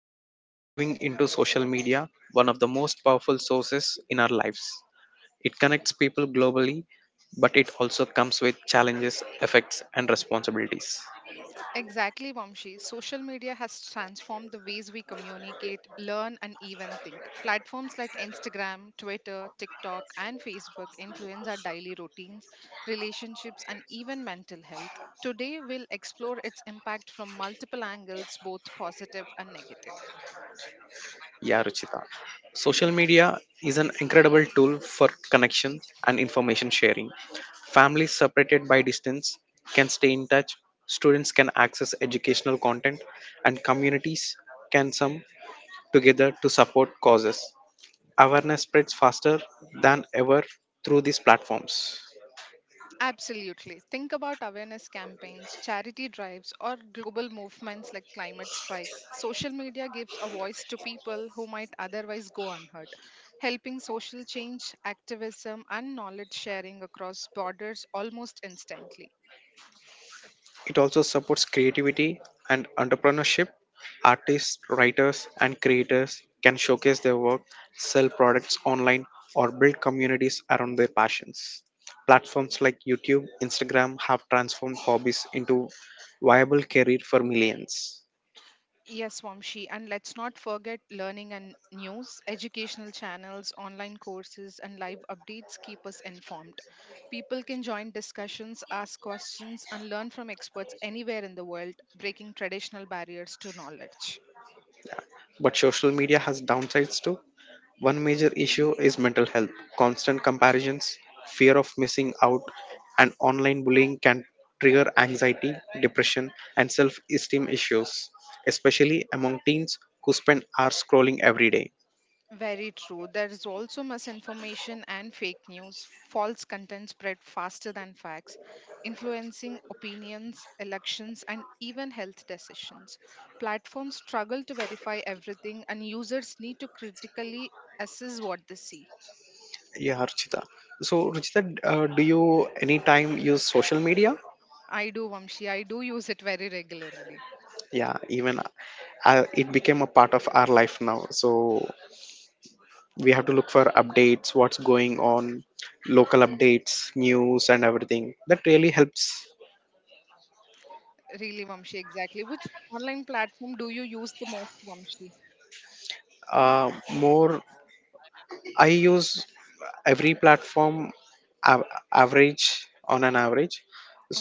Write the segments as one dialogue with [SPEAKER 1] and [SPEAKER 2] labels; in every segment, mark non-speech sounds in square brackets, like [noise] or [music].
[SPEAKER 1] Today we are diving into social media, one of the most powerful sources in our lives. It connects people globally, but it also comes with challenges, effects, and responsibilities.
[SPEAKER 2] Exactly, Vamshi. Social media has transformed the ways we communicate, learn, and even think. Platforms like Instagram, Twitter, TikTok, and Facebook influence our daily routines, relationships, and even mental health. Today, we'll explore its impact from multiple angles, both positive and negative.
[SPEAKER 1] Yeah, Ruchita. Social media is an incredible tool for connection and information sharing. Families separated by distance can stay in touch, students can access educational content, and communities can come together to support causes. Awareness spreads faster than ever through these platforms.
[SPEAKER 2] Absolutely. Think about awareness campaigns, charity drives, or global movements like climate strikes. Social media gives a voice to people who might otherwise go unheard, helping social change, activism, and knowledge sharing across borders almost instantly.
[SPEAKER 1] It also supports creativity and entrepreneurship. Artists, writers, and creators can showcase their work, sell products online, or build communities around their passions. Platforms like YouTube, Instagram have transformed hobbies into viable career for millions.
[SPEAKER 2] Yes, Vamshi, and let's not forget learning and news, educational channels, online courses, and live updates keep us informed. People can join discussions, ask questions, and learn from experts anywhere in the world, breaking traditional barriers to knowledge.
[SPEAKER 1] But social media has downsides too. One major issue is mental health. Constant comparisons, fear of missing out, and online bullying can trigger anxiety, depression, and self esteem issues, especially among teens who spend hours scrolling every day.
[SPEAKER 2] Very true. There is also misinformation and fake news. False content spread faster than facts, influencing opinions, elections, and even health decisions. Platforms struggle to verify everything, and users need to critically assess what they see.
[SPEAKER 1] Yeah, Ruchita. So, Ruchita, do you any time use social media?
[SPEAKER 2] I do, Vamshi. I do use it very regularly.
[SPEAKER 1] Yeah, even it became a part of our life now. So, we have to look for updates, what's going on, local updates, news, and everything. That really helps.
[SPEAKER 2] Really, Vamshi, exactly. Which online platform do you use the most, Vamshi?
[SPEAKER 1] More I use every platform av- average on an average,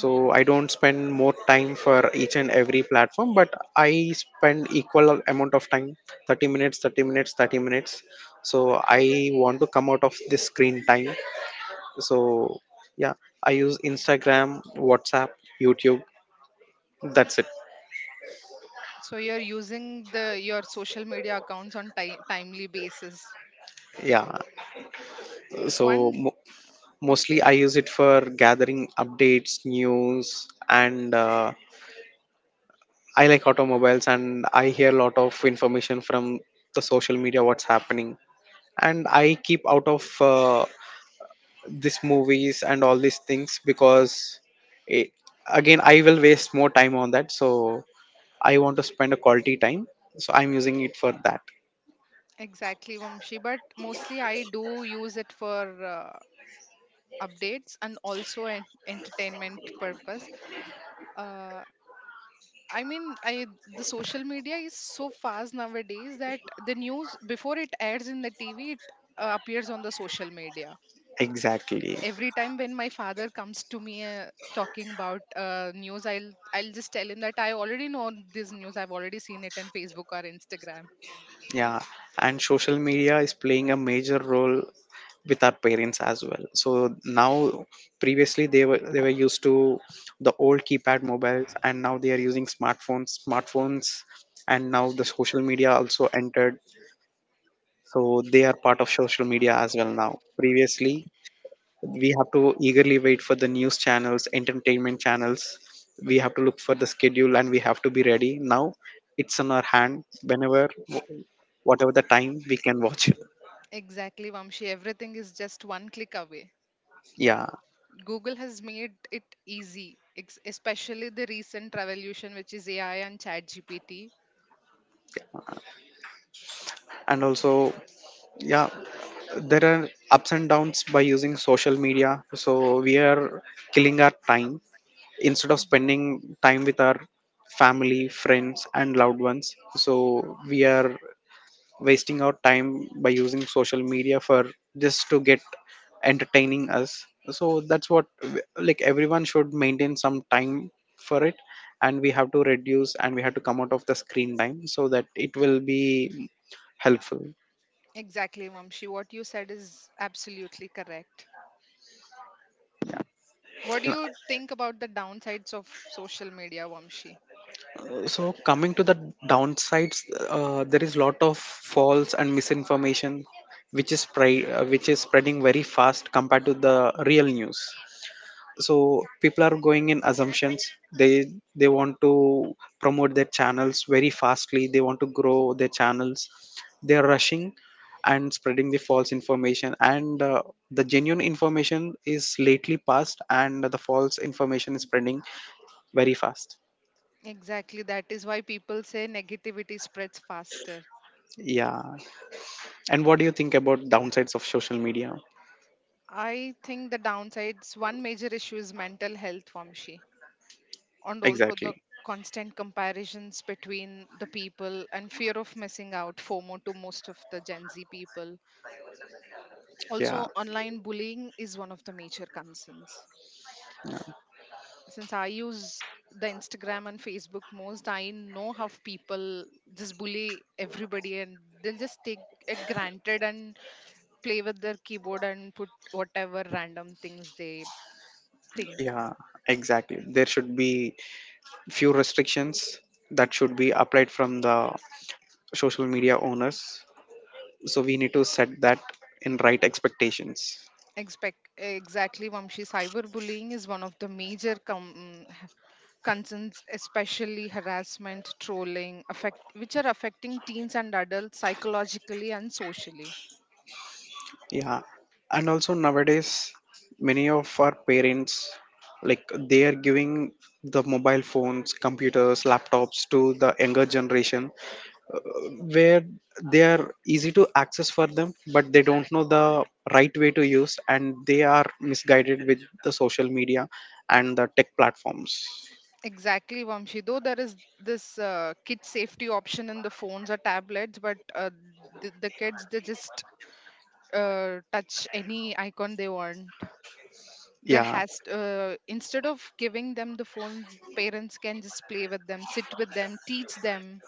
[SPEAKER 1] so I don't spend more time for each and every platform, but I spend equal amount of time. 30 minutes, 30 minutes, 30 minutes. So I want to come out of this screen time. So yeah, I use instagram, whatsapp, youtube, that's it.
[SPEAKER 2] So you're using the your social media accounts on timely basis.
[SPEAKER 1] Yeah, so
[SPEAKER 2] One
[SPEAKER 1] mo- mostly
[SPEAKER 2] Okay,
[SPEAKER 1] I use it for gathering updates, news, and I like automobiles and I hear a lot of information from the social media what's happening. And I keep out of these movies and all these things because it, again I will waste more time on that. So I want to spend a quality time. So I'm using it for that.
[SPEAKER 2] exactly, Vamshi. But mostly I do use it for updates and also an entertainment purpose. Uh, I mean, I the social media is so fast nowadays that the news before it airs in the TV, it appears on the social media.
[SPEAKER 1] Exactly.
[SPEAKER 2] Every time when my father comes to me talking about news, I'll just tell him that I already know this news. I've already seen it on Facebook or Instagram.
[SPEAKER 1] Yeah, and social media is playing a major role with our parents as well. So now, previously they were used to the old keypad mobiles, and now they are using smartphones. Smartphones, and now the social media also entered. So they are part of social media as well now. Previously, we have to eagerly wait for the news channels, entertainment channels. We have to look for the schedule, and we have to be ready. Now, it's on our hand. Whenever, whatever the time, we can watch.
[SPEAKER 2] Exactly, Vamshi. Everything is just one click away.
[SPEAKER 1] Yeah,
[SPEAKER 2] Google has made it easy, especially the recent revolution, which is AI and ChatGPT.
[SPEAKER 1] and also yeah, there are ups and downs by using social media, so we are killing our time instead of
[SPEAKER 2] Mhm.
[SPEAKER 1] spending time with our family, friends, and loved ones. So we are wasting our time by using social media for just to get entertaining us. So that's what, like everyone should maintain some time for it, and we have to reduce and we have to come out of the screen time so that it will be helpful.
[SPEAKER 2] Exactly, Vamshi. What you said is absolutely correct.
[SPEAKER 1] Yeah.
[SPEAKER 2] What do
[SPEAKER 1] Uh,
[SPEAKER 2] you think about the downsides of social media, Vamshi?
[SPEAKER 1] so coming to the downsides, there is lot of false and misinformation which is spreading very fast compared to the real news. So people are going in assumptions. They they want to promote their channels very fastly, they want to grow their channels, they are rushing and spreading the false information, and the genuine information is lately passed and the false information is spreading very fast.
[SPEAKER 2] Exactly, that is why people say negativity spreads faster.
[SPEAKER 1] Yeah. And what do you think about downsides of social media?
[SPEAKER 2] I think the downsides, one major issue is mental health, Vamshi, and also the
[SPEAKER 1] Exactly.
[SPEAKER 2] constant comparisons between the people and fear of missing out, FOMO, to most of the Gen Z people,
[SPEAKER 1] Yeah.
[SPEAKER 2] also online bullying is one of the major concerns. Since I use the Instagram and Facebook most, I know how people just bully everybody and they'll just take it granted and play with their keyboard and put whatever random things they think.
[SPEAKER 1] Yeah. Exactly. There should be few restrictions that should be applied from the social media owners. So we need to set that in right expectations.
[SPEAKER 2] Expect exactly, Vamshi, cyberbullying is one of the major concerns, especially harassment, trolling affect, which are affecting teens and adults psychologically and socially.
[SPEAKER 1] Yeah. And also nowadays, many of our parents, like they are giving the mobile phones, computers, laptops to the younger generation where they are easy to access for them, but they don't know the right way to use and they are misguided with the social media and the tech platforms.
[SPEAKER 2] Exactly, Vamshi. Though there is this kid safety option in the phones or tablets, but the kids they just touch any icon they want. There
[SPEAKER 1] Yeah,
[SPEAKER 2] has to. Instead of giving them the phones, parents can just play with them, sit with them, teach them.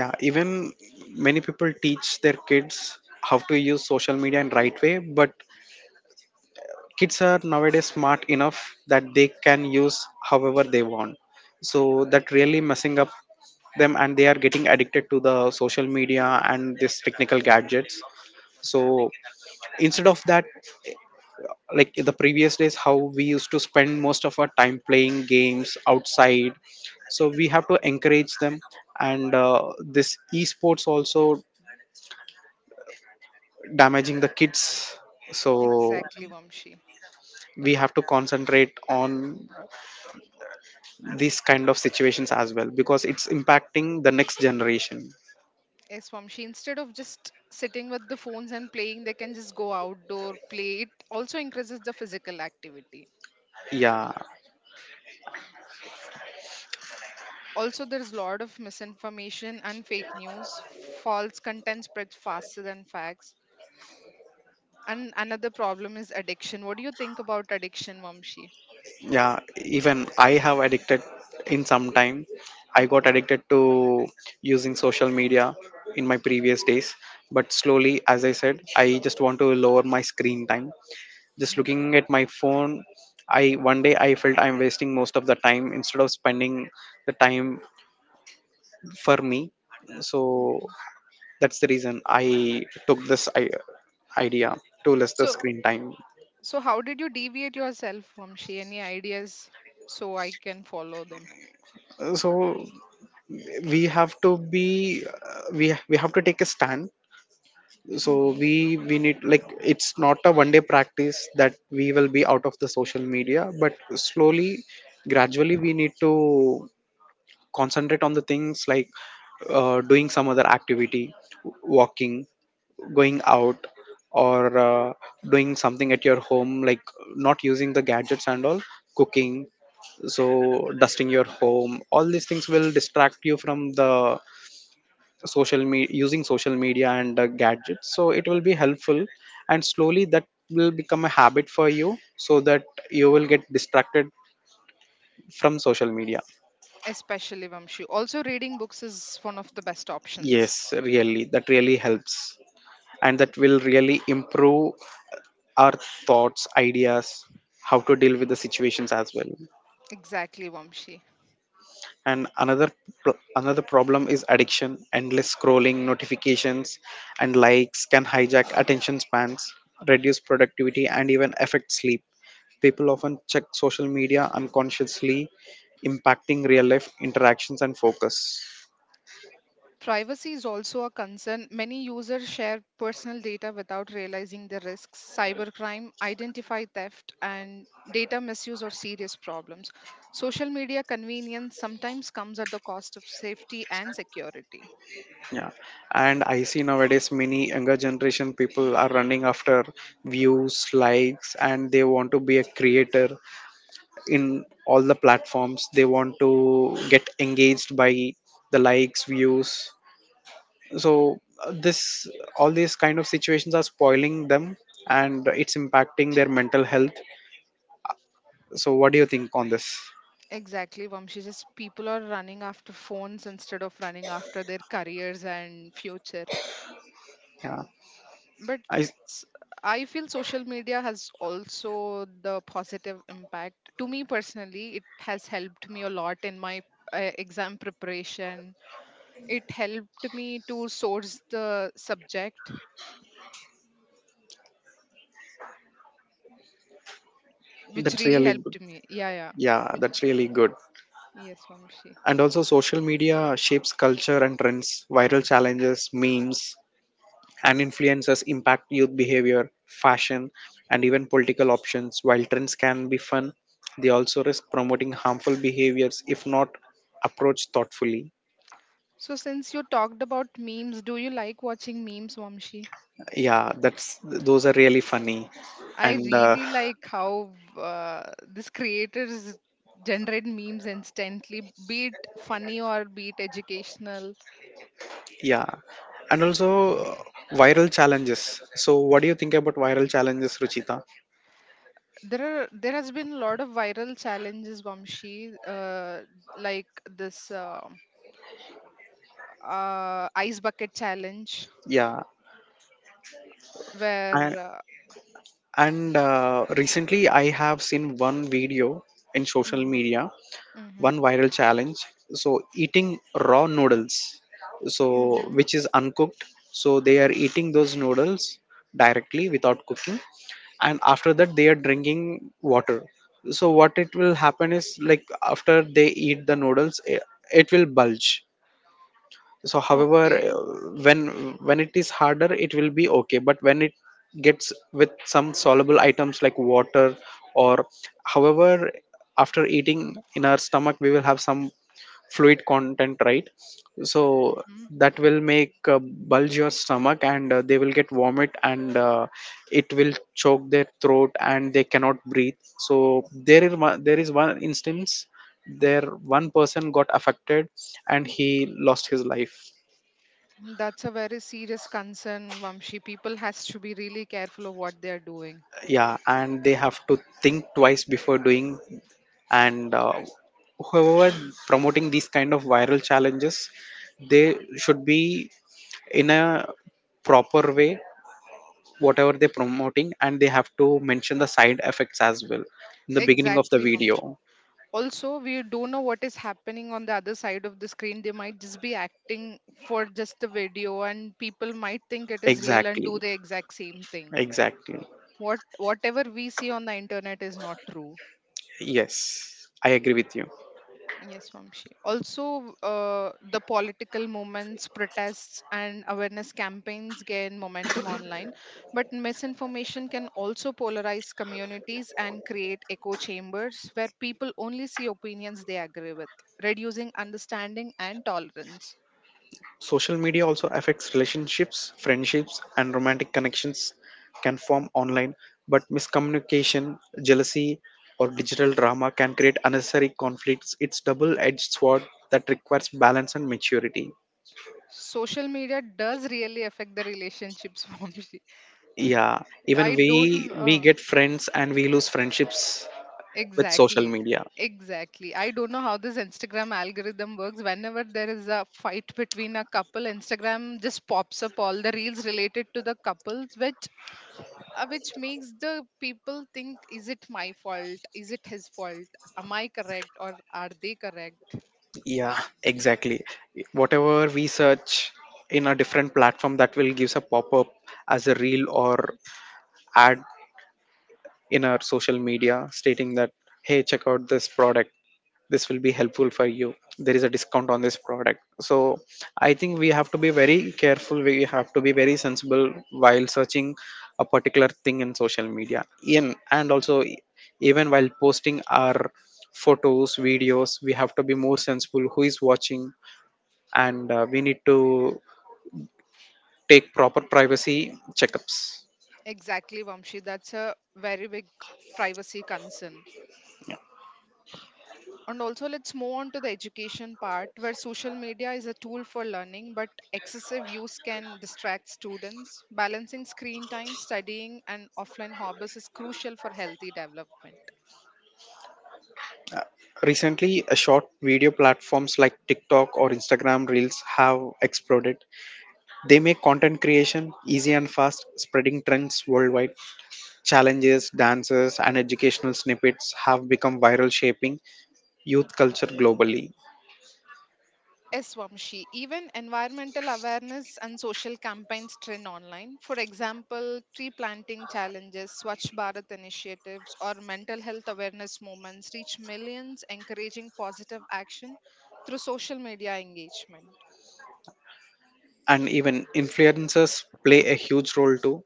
[SPEAKER 1] yeah, even many people teach their kids how to use social media in right way, but kids are nowadays smart enough that they can use however they want. So that really messing up them, and they are getting addicted to the social media and this technical gadgets. So instead of that, like in the previous days how we used to spend most of our time playing games outside, so we have to encourage them. And this esports also damaging the kids. So
[SPEAKER 2] Exactly, Vamshi.
[SPEAKER 1] we have to concentrate on these kind of situations as well, because it's impacting the next generation.
[SPEAKER 2] Yes, Vamshi. Instead of just sitting with the phones and playing, they can just go outdoor, play. It also increases the physical activity.
[SPEAKER 1] Yeah,
[SPEAKER 2] Also, there's a lot of misinformation and fake news, false content spreads faster than facts. And another problem is addiction. What do you think about addiction, Vamshi?
[SPEAKER 1] yeah, even I have addicted in some time, I got
[SPEAKER 2] Okay.
[SPEAKER 1] addicted to using social media in my previous days. But slowly, as I said, I just want to lower my screen time, just
[SPEAKER 2] Hmm.
[SPEAKER 1] looking at my phone. I one day I felt I'm wasting most of the time instead of spending the time for me. So
[SPEAKER 2] Hmm.
[SPEAKER 1] that's the reason I took this I- idea to less the
[SPEAKER 2] So,
[SPEAKER 1] screen time.
[SPEAKER 2] so how did you deviate yourself, Vamshi? Any ideas so I can follow them?
[SPEAKER 1] So we have to be we have to take a stand. So
[SPEAKER 2] Hmm.
[SPEAKER 1] we need, like it's not a one day practice that we will be out of the social media, but slowly, gradually we need to concentrate on the things like doing some other activity, walking, going out, or doing something at your home, like not using the gadgets and all, cooking. So dusting your home, all these things will distract you from the social me using social media and gadgets, so it will be helpful. And slowly that will become a habit for you, so that you will get distracted from social media.
[SPEAKER 2] Especially, Vamshi, also reading books is one of the best options.
[SPEAKER 1] Yes, really that really helps, and that will really improve our thoughts, ideas, how to deal with the situations as well.
[SPEAKER 2] Exactly, Vamshi.
[SPEAKER 1] And another problem is addiction. Endless scrolling, notifications, and likes can hijack attention spans, reduce productivity, and even affect sleep. People often check social media unconsciously, impacting real life interactions and focus.
[SPEAKER 2] Privacy is also a concern. Many users share personal data without realizing the risks. Cybercrime, identity theft, and data misuse are serious problems. Social media convenience sometimes comes at the cost of safety and security.
[SPEAKER 1] Yeah, and I see nowadays many younger generation people are running after views, likes, and they want to be a creator in all the platforms. They want to get engaged by the likes, views. So this all these kind of situations are spoiling them, and it's impacting their mental health. So what do you think on this?
[SPEAKER 2] Exactly, Vamshi. Just people are running after phones instead of running after their careers and future.
[SPEAKER 1] Yeah,
[SPEAKER 2] But
[SPEAKER 1] I
[SPEAKER 2] s- I feel social media has also the positive impact. To me personally, it has helped me a lot in my exam preparation. It helped me to source the subject, which
[SPEAKER 1] that's
[SPEAKER 2] really
[SPEAKER 1] really good.
[SPEAKER 2] helped me. Yeah, yeah.
[SPEAKER 1] Yeah,
[SPEAKER 2] Wi-
[SPEAKER 1] that's really good.
[SPEAKER 2] yes, Vamshi.
[SPEAKER 1] And also social media shapes culture and trends. Viral challenges, memes, and influencers impact youth behavior, fashion, and even political options. While trends can be fun, they also risk promoting harmful behaviors if not approached thoughtfully.
[SPEAKER 2] So since you talked about memes, do you like watching memes, Vamshi?
[SPEAKER 1] Yeah, that's those are really funny,
[SPEAKER 2] I
[SPEAKER 1] and
[SPEAKER 2] really like how uh, these creators generate memes instantly, be it funny or be it educational.
[SPEAKER 1] yeah, and also viral challenges. So, what do you think about viral challenges, Ruchita?
[SPEAKER 2] There are, there has been a lot of viral challenges, Vamshi, like this ice bucket challenge
[SPEAKER 1] Yeah, and,
[SPEAKER 2] where uh,
[SPEAKER 1] and recently I have seen one video in social
[SPEAKER 2] mhm,
[SPEAKER 1] media,
[SPEAKER 2] mhm,
[SPEAKER 1] one viral challenge. So eating raw noodles, so
[SPEAKER 2] mhm.
[SPEAKER 1] which is uncooked. So they are eating those noodles directly without cooking, and after that they are drinking water. So what it will happen is like after they eat the noodles, it will bulge. So however,
[SPEAKER 2] Okay.
[SPEAKER 1] when when it is harder it will be okay, but when it gets with some soluble items like water, or however, after eating in our stomach we will have some fluid content, right? So
[SPEAKER 2] Mhm.
[SPEAKER 1] that will make bulge your stomach, and they will get vomit, and it will choke their throat and they cannot breathe. So there is one instance there, one person got affected and he lost his life.
[SPEAKER 2] That's a very serious concern, Vamshi. People has to be really careful of what they are doing.
[SPEAKER 1] Yeah, and they have to think twice before doing. And whoever promoting these kind of viral challenges, they should be in a proper way whatever they're promoting, and they have to mention the side effects as well in the beginning of the
[SPEAKER 2] Exactly, Vamshi.
[SPEAKER 1] video.
[SPEAKER 2] Also, we don't know what is happening on the other side of the screen. They might just be acting for just the video and people might think it is real and
[SPEAKER 1] Exactly,
[SPEAKER 2] do the exact same thing.
[SPEAKER 1] exactly.
[SPEAKER 2] What, whatever we see on the internet is not true.
[SPEAKER 1] Yes, I agree with you.
[SPEAKER 2] Yes, Vamshi. Also, the political movements, protests, and awareness campaigns gain momentum online, but misinformation can also polarize communities and create echo chambers where people only see opinions they agree with, reducing understanding and tolerance.
[SPEAKER 1] Social media also affects relationships. Friendships and romantic connections can form online, but miscommunication, jealousy, or digital drama can create unnecessary conflicts. It's double edged sword that requires balance and maturity.
[SPEAKER 2] Social media does really affect the relationships, [laughs] Vamshi.
[SPEAKER 1] Yeah,
[SPEAKER 2] I
[SPEAKER 1] even we
[SPEAKER 2] don't.
[SPEAKER 1] we get friends and we lose friendships with social
[SPEAKER 2] Exactly.
[SPEAKER 1] media.
[SPEAKER 2] Exactly. I don't know how this Instagram algorithm works. Whenever there is a fight between a couple, Instagram just pops up all the reels related to the couples, which makes the people think, is it my fault? Is it his fault? Am I correct or are they correct?
[SPEAKER 1] Yeah, exactly. Whatever we search in a different platform, that will gives a pop-up as a reel or ad in our social media, stating that hey, check out this product, this will be helpful for you, there is a discount on this product. So I think we have to be very careful, we have to be very sensible while searching a particular thing in social media. In and also e- Even while posting our photos, videos, we have to be more sensible who is watching, and we need to take proper privacy checkups.
[SPEAKER 2] Exactly, Vamshi. That's a very big privacy concern. And also, let's move on to the education part, where social media is a tool for learning, but excessive use can distract students. Balancing screen time, studying, and offline hobbies is crucial for healthy development.
[SPEAKER 1] Recently, a short video platforms like TikTok or Instagram Reels have exploded. They make content creation easy and fast, spreading trends worldwide. Challenges, dances, and educational snippets have become viral, shaping youth culture globally.
[SPEAKER 2] Yes, Vamshi, even environmental awareness and social campaigns trend online. For example, tree planting challenges, Swachh Bharat initiatives, or mental health awareness movements reach millions, encouraging positive action through social media engagement.
[SPEAKER 1] And even influencers play a huge role too.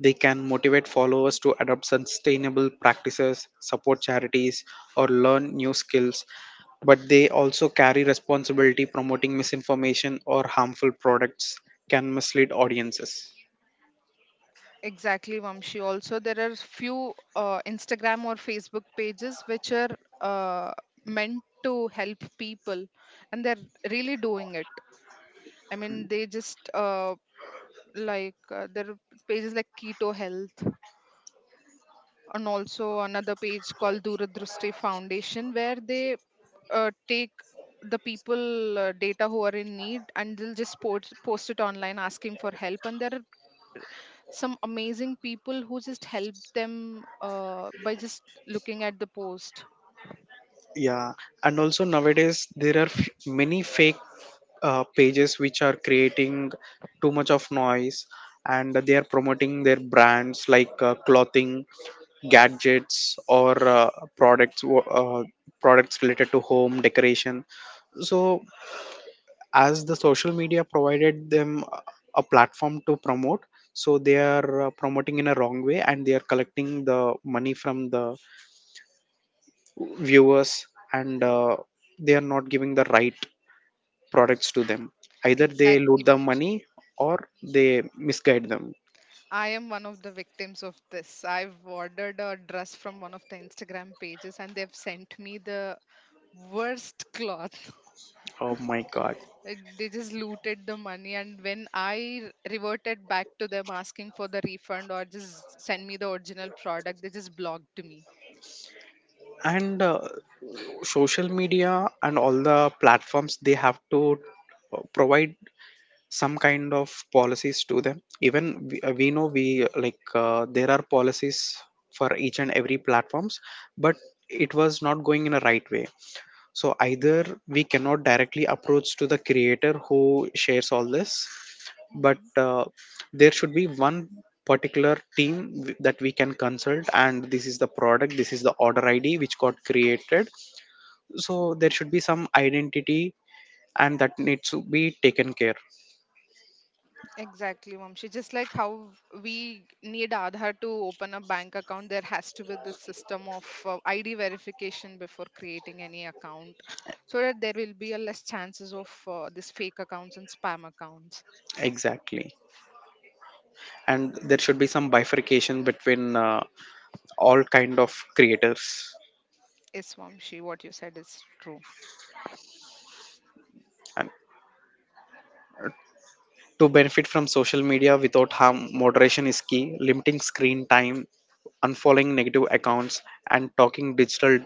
[SPEAKER 1] They can motivate followers to adopt sustainable practices, support charities, or learn new skills, but they also carry responsibility promoting misinformation or harmful products can mislead audiences.
[SPEAKER 2] Exactly, Vamshi. Also, there are few Instagram or Facebook pages which are uh, meant to help people, and they're really doing it. I mean, they just like there are pages like Keto Health, and also another page called Duradrusti Foundation, where they take the people data who are in need and they'll just post it online asking for help, and there are some amazing people who just help them by just looking at the post.
[SPEAKER 1] Yeah, and also nowadays there are many fake pages which are creating too much of noise, and they are promoting their brands like clothing, gadgets, or products wo- uh, products related to home decoration. So as the social media provided them a platform to promote, so they are promoting in a wrong way, and they are collecting the money from the viewers, and they are not giving the right products to them, either they
[SPEAKER 2] Exactly,
[SPEAKER 1] loot the
[SPEAKER 2] Vamshi.
[SPEAKER 1] money or they misguide them.
[SPEAKER 2] I am one of the victims of this. I've ordered a dress from one of the Instagram pages and they've sent me the worst cloth. [laughs]
[SPEAKER 1] Oh my god.
[SPEAKER 2] It- They just looted the money, and when I reverted back to them asking for the refund or just send me the original product, they just blocked me.
[SPEAKER 1] And social media and all the platforms, they have to provide some kind of policies to them. Even we know, we like there are policies for each and every platforms, but it was not going in a right way. So either we cannot directly approach to the creator who shares all this, but there should be one particular team that we can consult, and this is the product, this is the order id which got created. So there should be some identity, and that needs to be taken care.
[SPEAKER 2] Exactly, Vamshi. Just like how we need Aadhaar to open a bank account, there has to be this system of ID verification before creating any account, [laughs] so that there will be a less chances of this fake accounts and spam accounts.
[SPEAKER 1] Exactly, and there should be some bifurcation between all kind of creators.
[SPEAKER 2] Yes, Vamshi, what you said is true.
[SPEAKER 1] And to benefit from social media without harm, moderation is key: limiting screen time, unfollowing negative accounts, and talking digital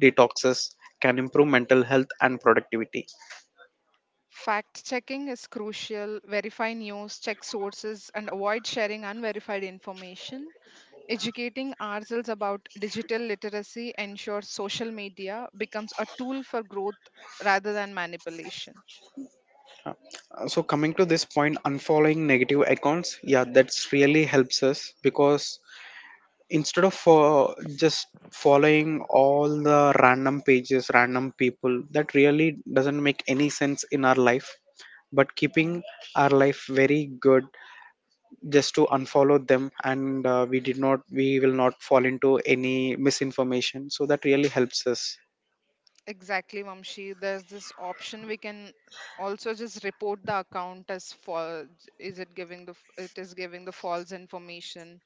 [SPEAKER 1] detoxes can improve mental health and productivity.
[SPEAKER 2] Fact checking is crucial. Verify news, check sources, and avoid sharing unverified information. Educating ourselves about digital literacy ensures social media becomes a tool for growth rather than manipulation.
[SPEAKER 1] So coming to this point, unfollowing negative accounts, yeah, that's really helps us because instead of just following all the random pages, random people, that really doesn't make any sense in our life, but
[SPEAKER 2] Mhm.
[SPEAKER 1] keeping our life very good, just to unfollow them, and we will not fall into any misinformation, so that really helps us.
[SPEAKER 2] Exactly, Mamshi. There's this option we can also just report the account as false. Is it giving the it is giving the false information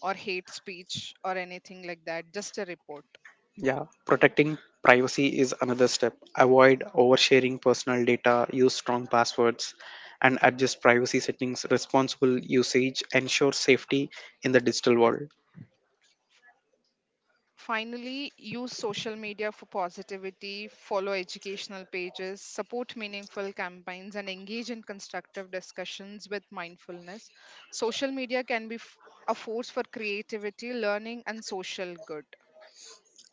[SPEAKER 2] or hate speech or anything like that? Just a report.
[SPEAKER 1] Yeah, protecting privacy is another step. Avoid oversharing personal data, use strong passwords, and adjust privacy settings. Responsible usage ensure safety in the digital world.
[SPEAKER 2] Finally, use social media for positivity, follow educational pages, support meaningful campaigns, and engage in constructive discussions with mindfulness. Social media can be a force for creativity, learning, and social good.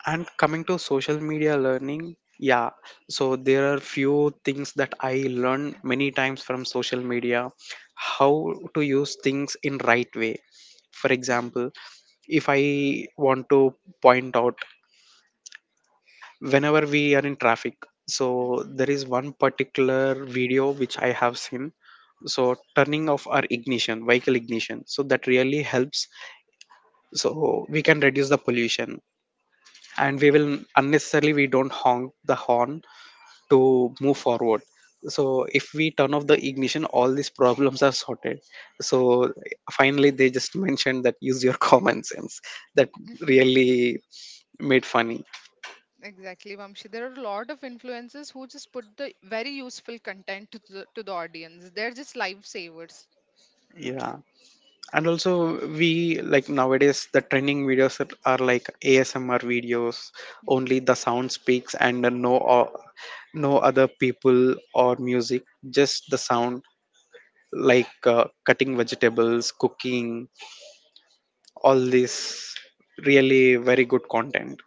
[SPEAKER 1] And coming to social media learning, yeah, so there are few things that I learned many times from social media, how to use things in right way. For
[SPEAKER 2] Mhm,
[SPEAKER 1] example, if I want to point out, whenever we are in traffic, so
[SPEAKER 2] mhm,
[SPEAKER 1] there is one particular video which I have seen, so turning off our ignition, vehicle ignition, so that really helps, so we can reduce the pollution, and we
[SPEAKER 2] mhm,
[SPEAKER 1] will unnecessarily, we don't honk the horn to move forward. So if we turn off the ignition, all these problems are sorted. So finally they just [laughs] mentioned that use your [laughs] common sense, that
[SPEAKER 2] mhm.
[SPEAKER 1] really made funny.
[SPEAKER 2] Exactly, Vamshi. There are a lot of influencers who just put the very useful content to to the audience. They're just lifesavers.
[SPEAKER 1] Yeah, and also we like nowadays the trending videos that are like asmr videos, only the sound speaks and no other people or music, just the sound, like cutting vegetables, cooking, all this really very good content.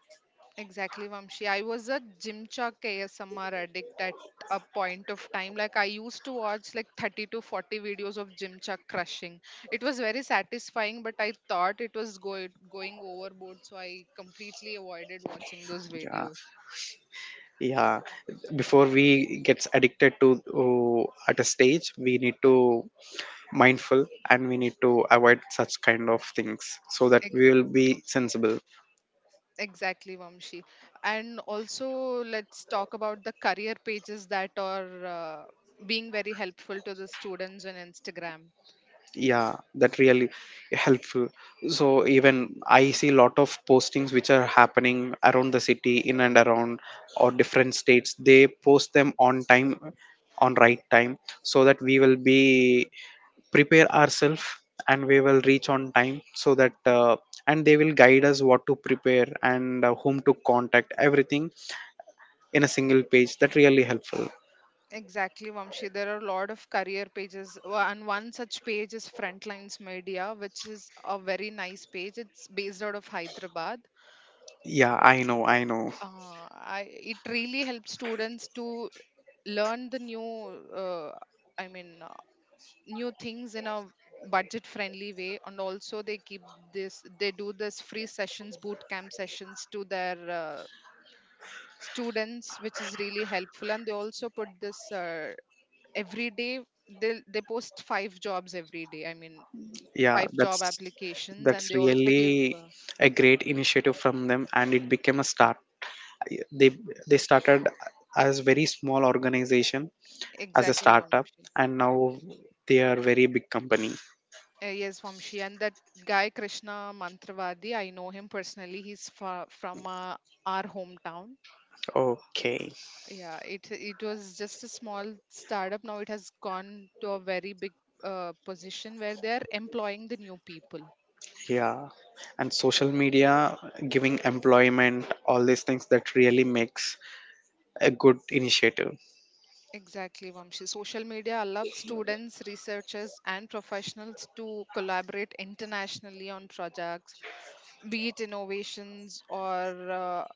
[SPEAKER 2] Exactly, Vamshi. I was a Gymshark ASMR addict at a point of time. Like I used to watch like 30 to 40 videos of Gymshark crushing. It was very satisfying, but I thought it was going overboard, so I completely avoided watching those
[SPEAKER 1] Yeah,
[SPEAKER 2] videos.
[SPEAKER 1] yeah, before we gets addicted to, uh, at a stage we need to mindful, and we need to avoid such kind of things, so that
[SPEAKER 2] Ex-
[SPEAKER 1] we will be sensible.
[SPEAKER 2] exactly, Vamshi. And also, let's talk about the career pages that are being very helpful to the students on Instagram.
[SPEAKER 1] Yeah, that really helpful. So even I see a lot of postings which are happening around the city, in and around or different states, they post them on time, on right time, so that we will be prepare ourselves and we will reach on time, so that and they will guide us what to prepare and whom to contact, everything in a single page, that really helpful.
[SPEAKER 2] Exactly, Vamshi. There are a lot of career pages, and one such page is Frontlines Media, which is a very nice page. It's based out of Hyderabad.
[SPEAKER 1] Yeah, I know, I know.
[SPEAKER 2] It really helps students to learn I mean, new things in a budget-friendly way, and also they keep this, they do this free sessions, boot camp sessions to their students, which is really helpful. And they also put this. Every day they post five jobs every day. I mean,
[SPEAKER 1] Yeah,
[SPEAKER 2] five job applications, and
[SPEAKER 1] that's
[SPEAKER 2] they also give
[SPEAKER 1] really a great initiative from them, and it became a start, they they started as very small organization, as a
[SPEAKER 2] exactly,
[SPEAKER 1] startup,
[SPEAKER 2] Vamshi.
[SPEAKER 1] and now they are very big company.
[SPEAKER 2] Yes, Vamshi, and that guy Krishna Mantravadi, I know him personally. He's from our hometown.
[SPEAKER 1] Okay.
[SPEAKER 2] Yeah, it was just a small startup. Now it has gone to a very big position where they are employing the new people.
[SPEAKER 1] Yeah, and social media giving employment, all these things, that really makes a good initiative.
[SPEAKER 2] Exactly, Vamshi. Social media allows students, researchers, and professionals to collaborate internationally on projects, be it innovations or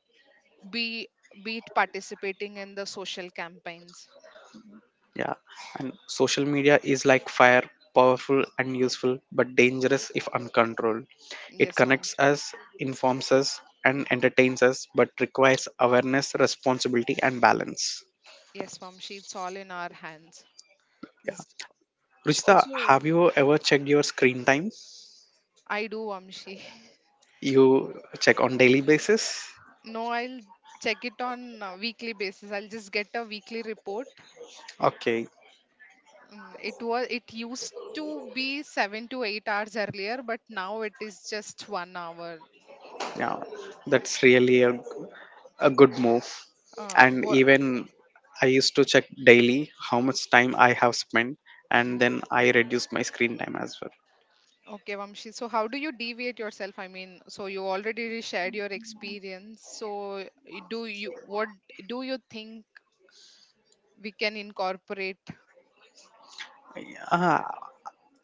[SPEAKER 2] be be it participating in the social campaigns.
[SPEAKER 1] Yeah, and social media is like fire, powerful and useful, but dangerous if uncontrolled. It
[SPEAKER 2] Yes,
[SPEAKER 1] connects
[SPEAKER 2] Vamshi.
[SPEAKER 1] us, informs us, and entertains us, but requires awareness, responsibility, and balance.
[SPEAKER 2] Yes, Vamshi. It's all in our hands.
[SPEAKER 1] Yeah.
[SPEAKER 2] This
[SPEAKER 1] Ruchita,
[SPEAKER 2] Also,
[SPEAKER 1] have you ever checked your screen time?
[SPEAKER 2] I do, Vamshi. [laughs]
[SPEAKER 1] You check on daily basis?
[SPEAKER 2] No, I'll check it on a weekly basis. I'll just get a weekly report.
[SPEAKER 1] Okay,
[SPEAKER 2] Mm, it was, it used to be 7 to 8 hours earlier, but now it is just 1 hour.
[SPEAKER 1] yeah, that's really a good move,
[SPEAKER 2] Uh,
[SPEAKER 1] and
[SPEAKER 2] wha-
[SPEAKER 1] even I used to check daily how much time I have spent, and then I reduced my screen time as well.
[SPEAKER 2] okay, Vamshi. So how do you deviate yourself? I mean, so you already shared your experience. So do you what do you think we can incorporate?
[SPEAKER 1] uh,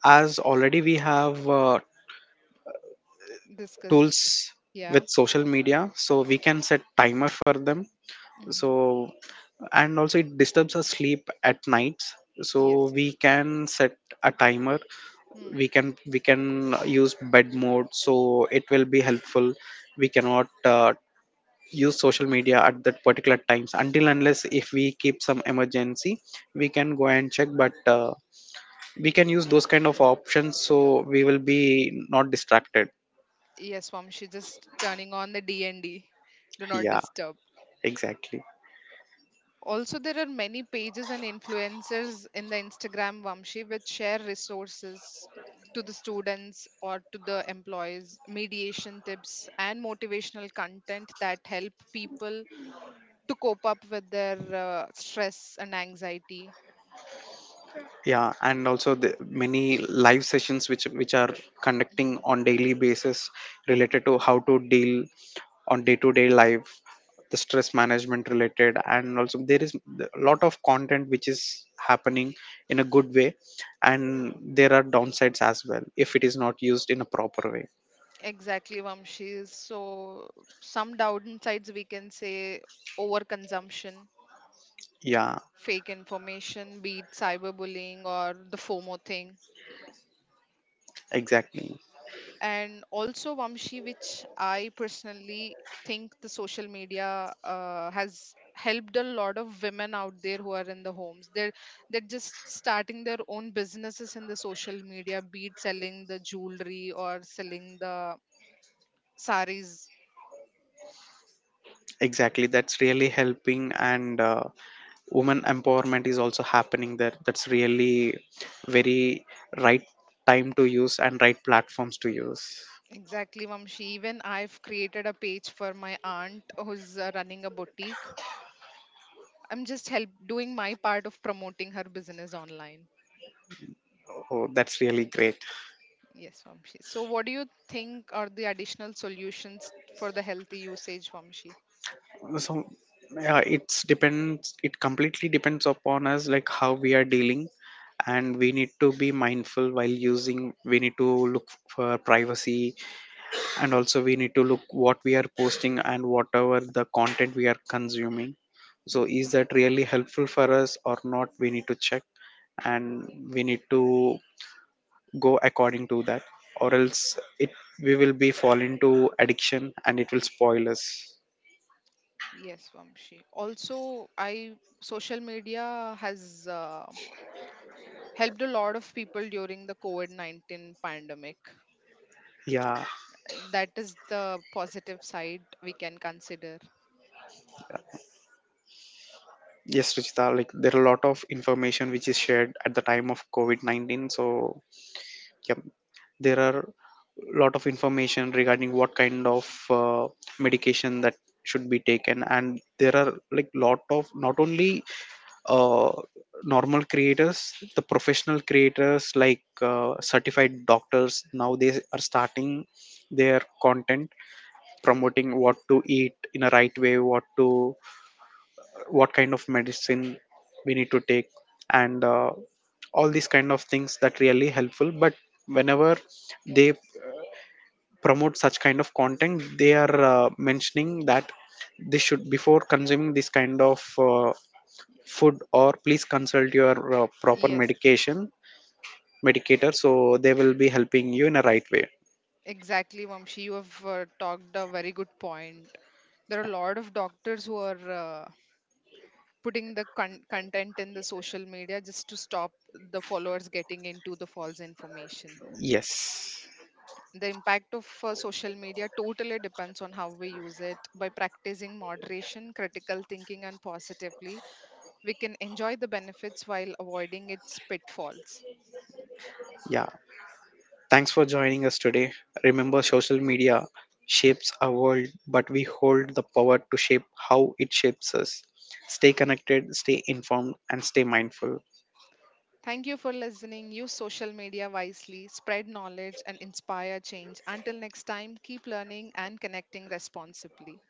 [SPEAKER 1] as already we have
[SPEAKER 2] Discuss.
[SPEAKER 1] tools
[SPEAKER 2] Yeah.
[SPEAKER 1] with social media, so we can set timer for them, so,
[SPEAKER 2] Mm-hmm.
[SPEAKER 1] and also it disturbs our sleep at nights, so
[SPEAKER 2] Yes.
[SPEAKER 1] we
[SPEAKER 2] Yes.
[SPEAKER 1] can set a timer,
[SPEAKER 2] Hmm.
[SPEAKER 1] we can use bed mode, so it will be helpful. We cannot use social media at that particular times, until unless if we keep some emergency, we can go and check, but we can use those kind of options, so we will be not distracted.
[SPEAKER 2] Yes, Vamshi. Just turning on the D and D. Do not
[SPEAKER 1] Yeah,
[SPEAKER 2] disturb.
[SPEAKER 1] exactly.
[SPEAKER 2] Also, there are many pages and influencers in the Instagram, Vamshi, which share resources to the students or to the employees, mediation tips, and motivational content that help people to cope up with their stress and anxiety.
[SPEAKER 1] Yeah, and also the many live sessions which are conducting
[SPEAKER 2] Mhm,
[SPEAKER 1] on daily basis, related to how to deal on day to day life, the stress management related, and also there is a lot of content which is happening in a good way, and
[SPEAKER 2] mhm.
[SPEAKER 1] there are downsides as well if it is not used in a proper way.
[SPEAKER 2] Exactly, Vamshi. So, some downsides we can say: overconsumption,
[SPEAKER 1] Yeah.
[SPEAKER 2] fake information, be it cyberbullying or the FOMO thing.
[SPEAKER 1] exactly
[SPEAKER 2] And also, Vamshi, which I personally think the social media has helped a lot of women out there who are in the homes. They're just starting their own businesses in the social media, be it selling the jewelry or selling the saris.
[SPEAKER 1] exactly, that's really helping, and women empowerment is also happening there, that's really very right time to use and right platforms to use.
[SPEAKER 2] Exactly, Vamshi. Even I've created a page for my aunt who's running a boutique. I'm just help doing my part of promoting her business online.
[SPEAKER 1] Oh, that's really great.
[SPEAKER 2] Yes, Vamshi. So, what do you think are the additional solutions for the healthy usage, Vamshi?
[SPEAKER 1] So yeah, it's depends, it completely depends upon us, like how we are dealing, and we need to be mindful while using, we need to look for privacy, and also we need to look what we are posting and whatever the content we are consuming, so
[SPEAKER 2] Hmm.
[SPEAKER 1] is that really helpful for us or not, we need to check, and we need to go according to that, or else it we will be fall into addiction and it will spoil us.
[SPEAKER 2] Yes, Vamshi. Also, I social media has helped a lot of people during the COVID-19 pandemic.
[SPEAKER 1] Yeah.
[SPEAKER 2] That is the positive side we can consider.
[SPEAKER 1] Yes, Ruchita, like there are a lot of information which is shared at the time of covid-19, so yep. There are lot of information regarding what kind of uh, medication that should be taken, and there are like lot of not only uh, normal creators, the professional creators like certified doctors now they are starting their content, promoting what to eat in a right way, what kind of medicine we need to take, and all these kind of things that really helpful. But whenever they promote such kind of content, they are mentioning that this should before consuming this kind of food, or please consult your proper
[SPEAKER 2] Yes,
[SPEAKER 1] medication, medicator, so they will be helping you in a right way.
[SPEAKER 2] exactly, Vamshi. You have talked a very good point. There are a lot of doctors who are putting the content in the social media just to stop the followers getting into the false information.
[SPEAKER 1] Yes.
[SPEAKER 2] The impact of social media totally depends on how we use it. By practicing moderation, critical thinking, and positively, we can enjoy the benefits while avoiding its pitfalls.
[SPEAKER 1] Yeah, thanks for joining us today. Remember, social media shapes our world, but we hold the power to shape how it shapes us. Stay connected, stay informed, and stay mindful.
[SPEAKER 2] Thank you for listening. Use social media wisely, spread knowledge, and inspire change. Until next time, keep learning and connecting responsibly.